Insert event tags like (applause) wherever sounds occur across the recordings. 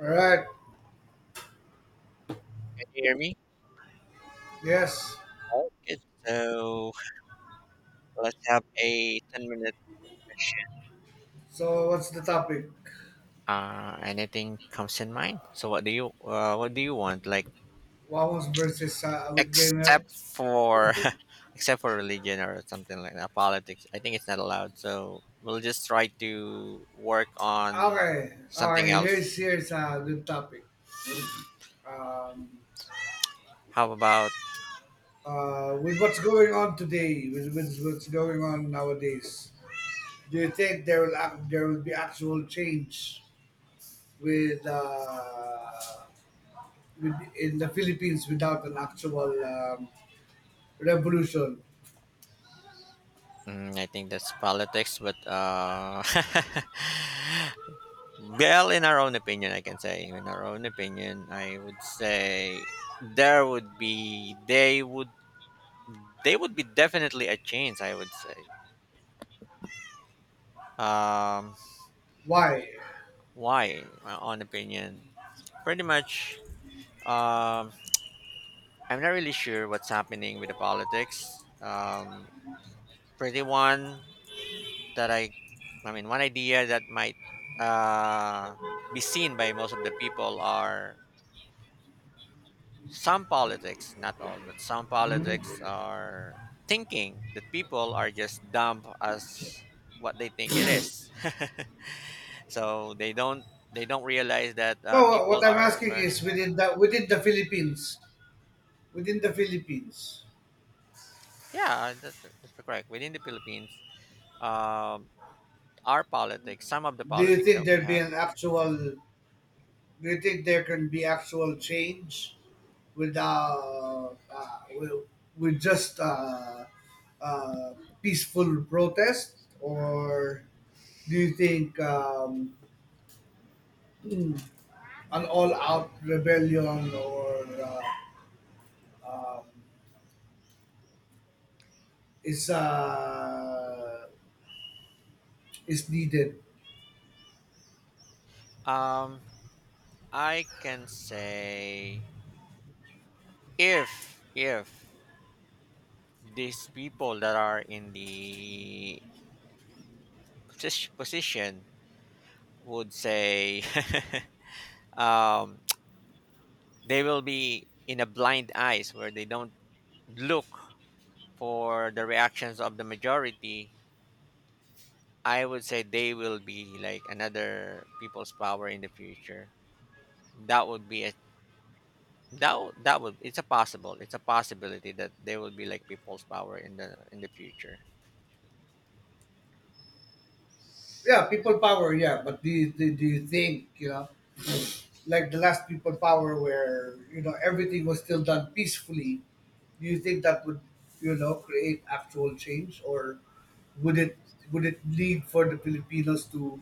All right. Can you hear me? Yes. Okay, so let's have a 10 minute session. So what's the topic? Anything comes in mind? So what do you want? Like Wamos versus with gamer. except for (laughs) except for religion or something like that, politics. I think it's not allowed. So we'll just try to work on Okay. something Okay. else. Here's a good topic. Um, How about? With what's going on today, with what's going on nowadays, do you think there will be actual change with uh, with in the Philippines without an actual revolution? Mm, I think that's politics, but (laughs) Well, in our own opinion, I can say, in our own opinion, I would say there would be they would be definitely a change, I would say. Um, Why? why? In my own opinion, pretty much. Um, I'm not really sure what's happening with the politics. Pretty one that I mean, one idea that might uh be seen by most of the people are some politics, not all, but some politics are thinking that people are just dumb as what they think it is. (laughs) So they don't realize that No, people what I'm are asking is learning. Within the Philippines, within the Philippines. Yeah, that's correct. Within the Philippines, um, our politics, some of the Do you politics think that we there'd be have, an actual? Do you think there can be actual change with with just uh, peaceful protest, or do you think mm, an all-out rebellion or um, is uh, is needed? um, I can say if these people that are in the position would say (laughs) um, they will be in a blind eyes where they don't look for the reactions of the majority. I would say they will be like another people's power in the future, that would be a that would, it's a possible, it's a possibility that they will be like people's power in the future. Yeah, people power. Yeah, but do you think Like the last people power where you know everything was still done peacefully, do you think that would you know create actual change, or would it would it lead for the filipinos to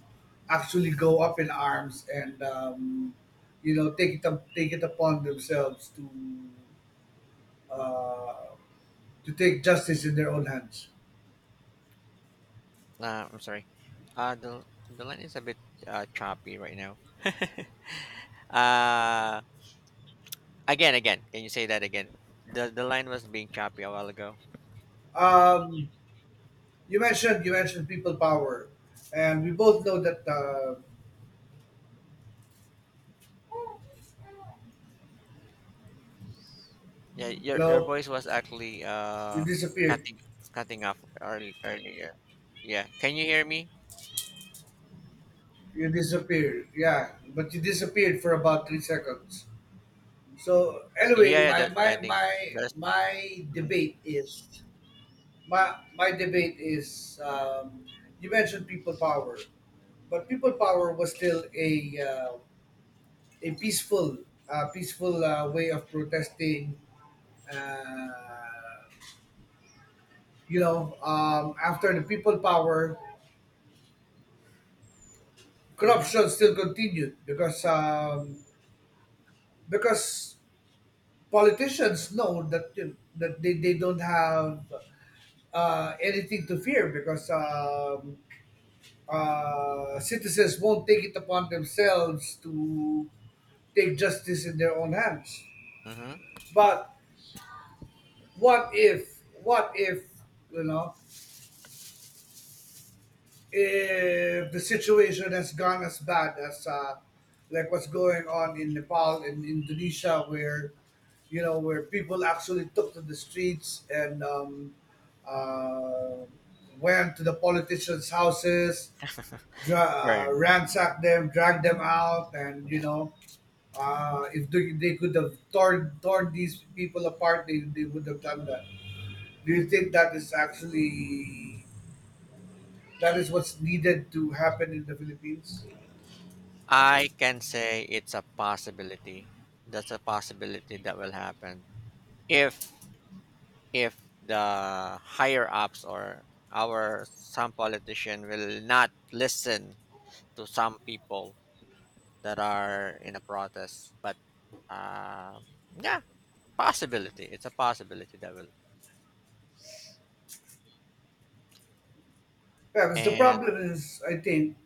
actually go up in arms and you know take it upon themselves uh, to take justice in their own hands. I'm sorry, the line is a bit choppy right now. (laughs) Uh again, again. Can you say that again? The line was being choppy a while ago. um, you mentioned people power and we both know that Yeah, your hello, voice was actually you disappeared. cutting cutting off early, earlier. Yeah. Can you hear me? You disappeared. Yeah, but you disappeared for about 3 seconds. So anyway, Yeah, yeah, that I think that's my mm-hmm, debate is my debate is, you mentioned people power, but people power was still uh, a peaceful peaceful way of protesting. Uh, After the people power, mm-hmm, corruption still continued because politicians know that you that they don't have anything to fear because citizens won't take it upon themselves to take justice in their own hands. mm-hmm. But what if you know, if the situation has gone as bad as like what's going on in Nepal and Indonesia, where you know where people actually took to the streets and uh, went to the politicians' houses, Burn. ransacked them, dragged them out, and you Yeah. know. If they could have torn these people apart, they would have done that. Do you think that is actually that is what's needed to happen in the Philippines? I can say it's a possibility. That's a possibility that will happen if if the higher ups or our some politician will not listen to some people that are in a protest. But um, yeah, possibility. It's a possibility that will. Yeah, because the And problem is, I think,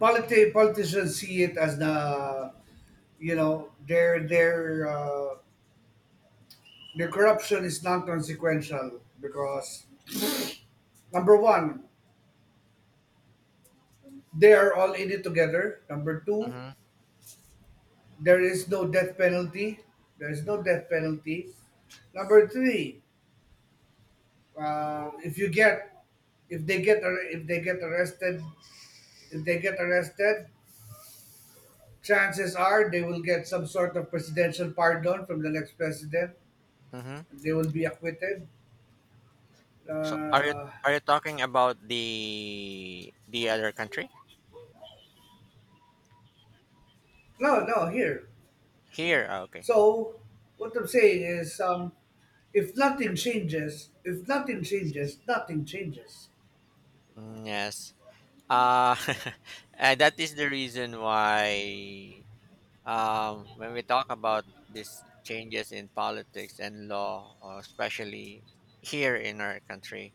politicians see it as the, you know, their corruption is non-consequential because number one, they are all in it together. Number two, hmm, there is no death penalty. There is no death penalty. Number three, uh, if you get if they get arrested, if they get arrested chances are they will get some sort of presidential pardon from the next president. hmm. They will be acquitted. So Uh, are you talking about the other country no, no, here. here? Ah, okay. So what I'm saying is, if nothing changes, nothing changes. Mm, yes. Uh, (laughs) and that is the reason why when we talk about these changes in politics and law, or especially here in our country,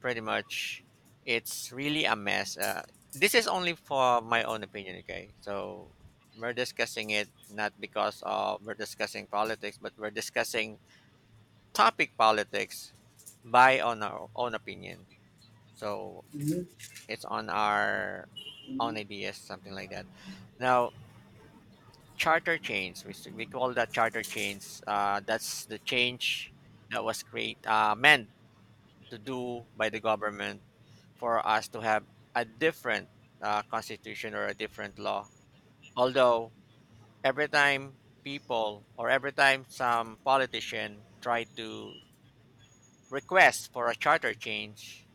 pretty much it's really a mess. This is only for my own opinion, okay? So we're discussing it, not because of we're discussing politics, but we're discussing topic politics by on our own opinion. So Mhm. it's on our own Mhm. ideas, something like that. Now, charter change, we call that charter change. That's the change that was create meant to do by the government for us to have a different constitution or a different law. Although every time people or every time some politician try to request for a charter change,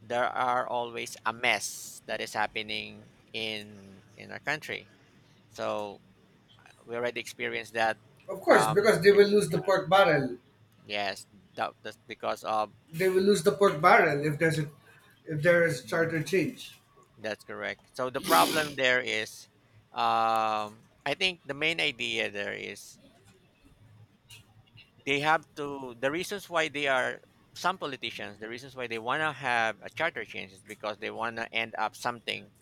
there are always a mess that is happening in our country. So we already experienced that Of course, from because they re- will lose the pork barrel. yes, that's because of. They will lose the pork barrel if there's a if there is charter change. That's correct. So the problem there is, I think the main idea there is they have to, the reasons why they are, some politicians, the reasons why they want to have a charter change is because they want to end up something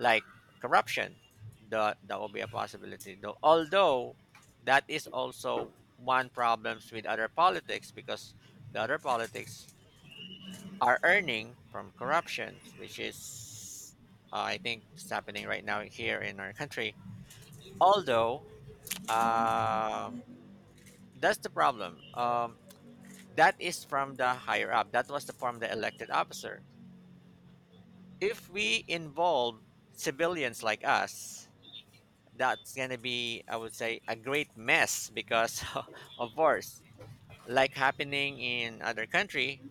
like corruption, the OBA possibility. Though, although that is also one problems with other politics because the other politics are earning from corruptions, which is, I think, it's happening right now here in our country. Although, um that's the problem. That is from the higher up. That was the from the elected officer. If we involve civilians like us, that's going to be, I would say, a great mess because, (laughs) of course, like happening in other country,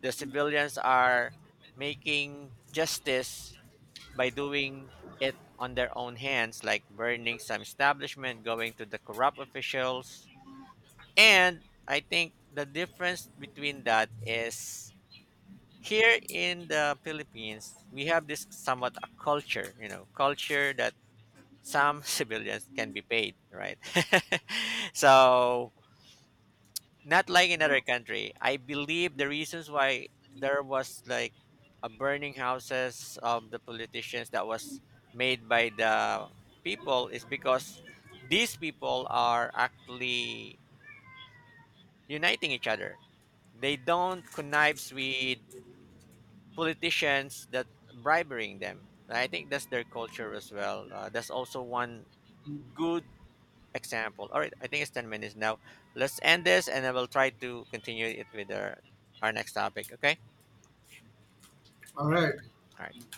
the civilians are making justice by doing it on their own hands, like burning some establishment, going to the corrupt officials. And I think the difference between that is here in the Philippines, we have this somewhat a culture, you know, culture that some (laughs) civilians can be paid, right? (laughs) So not like in other country. I believe the reasons why there was like a burning houses of the politicians that was made by the people is because these people are actually uniting each other. They don't connives with politicians that bribing them. I think that's their culture as well. That's also one good example. All right, I think it's 10 minutes now. Let's end this and then we'll try to continue it with our next topic. Okay. All right. All right.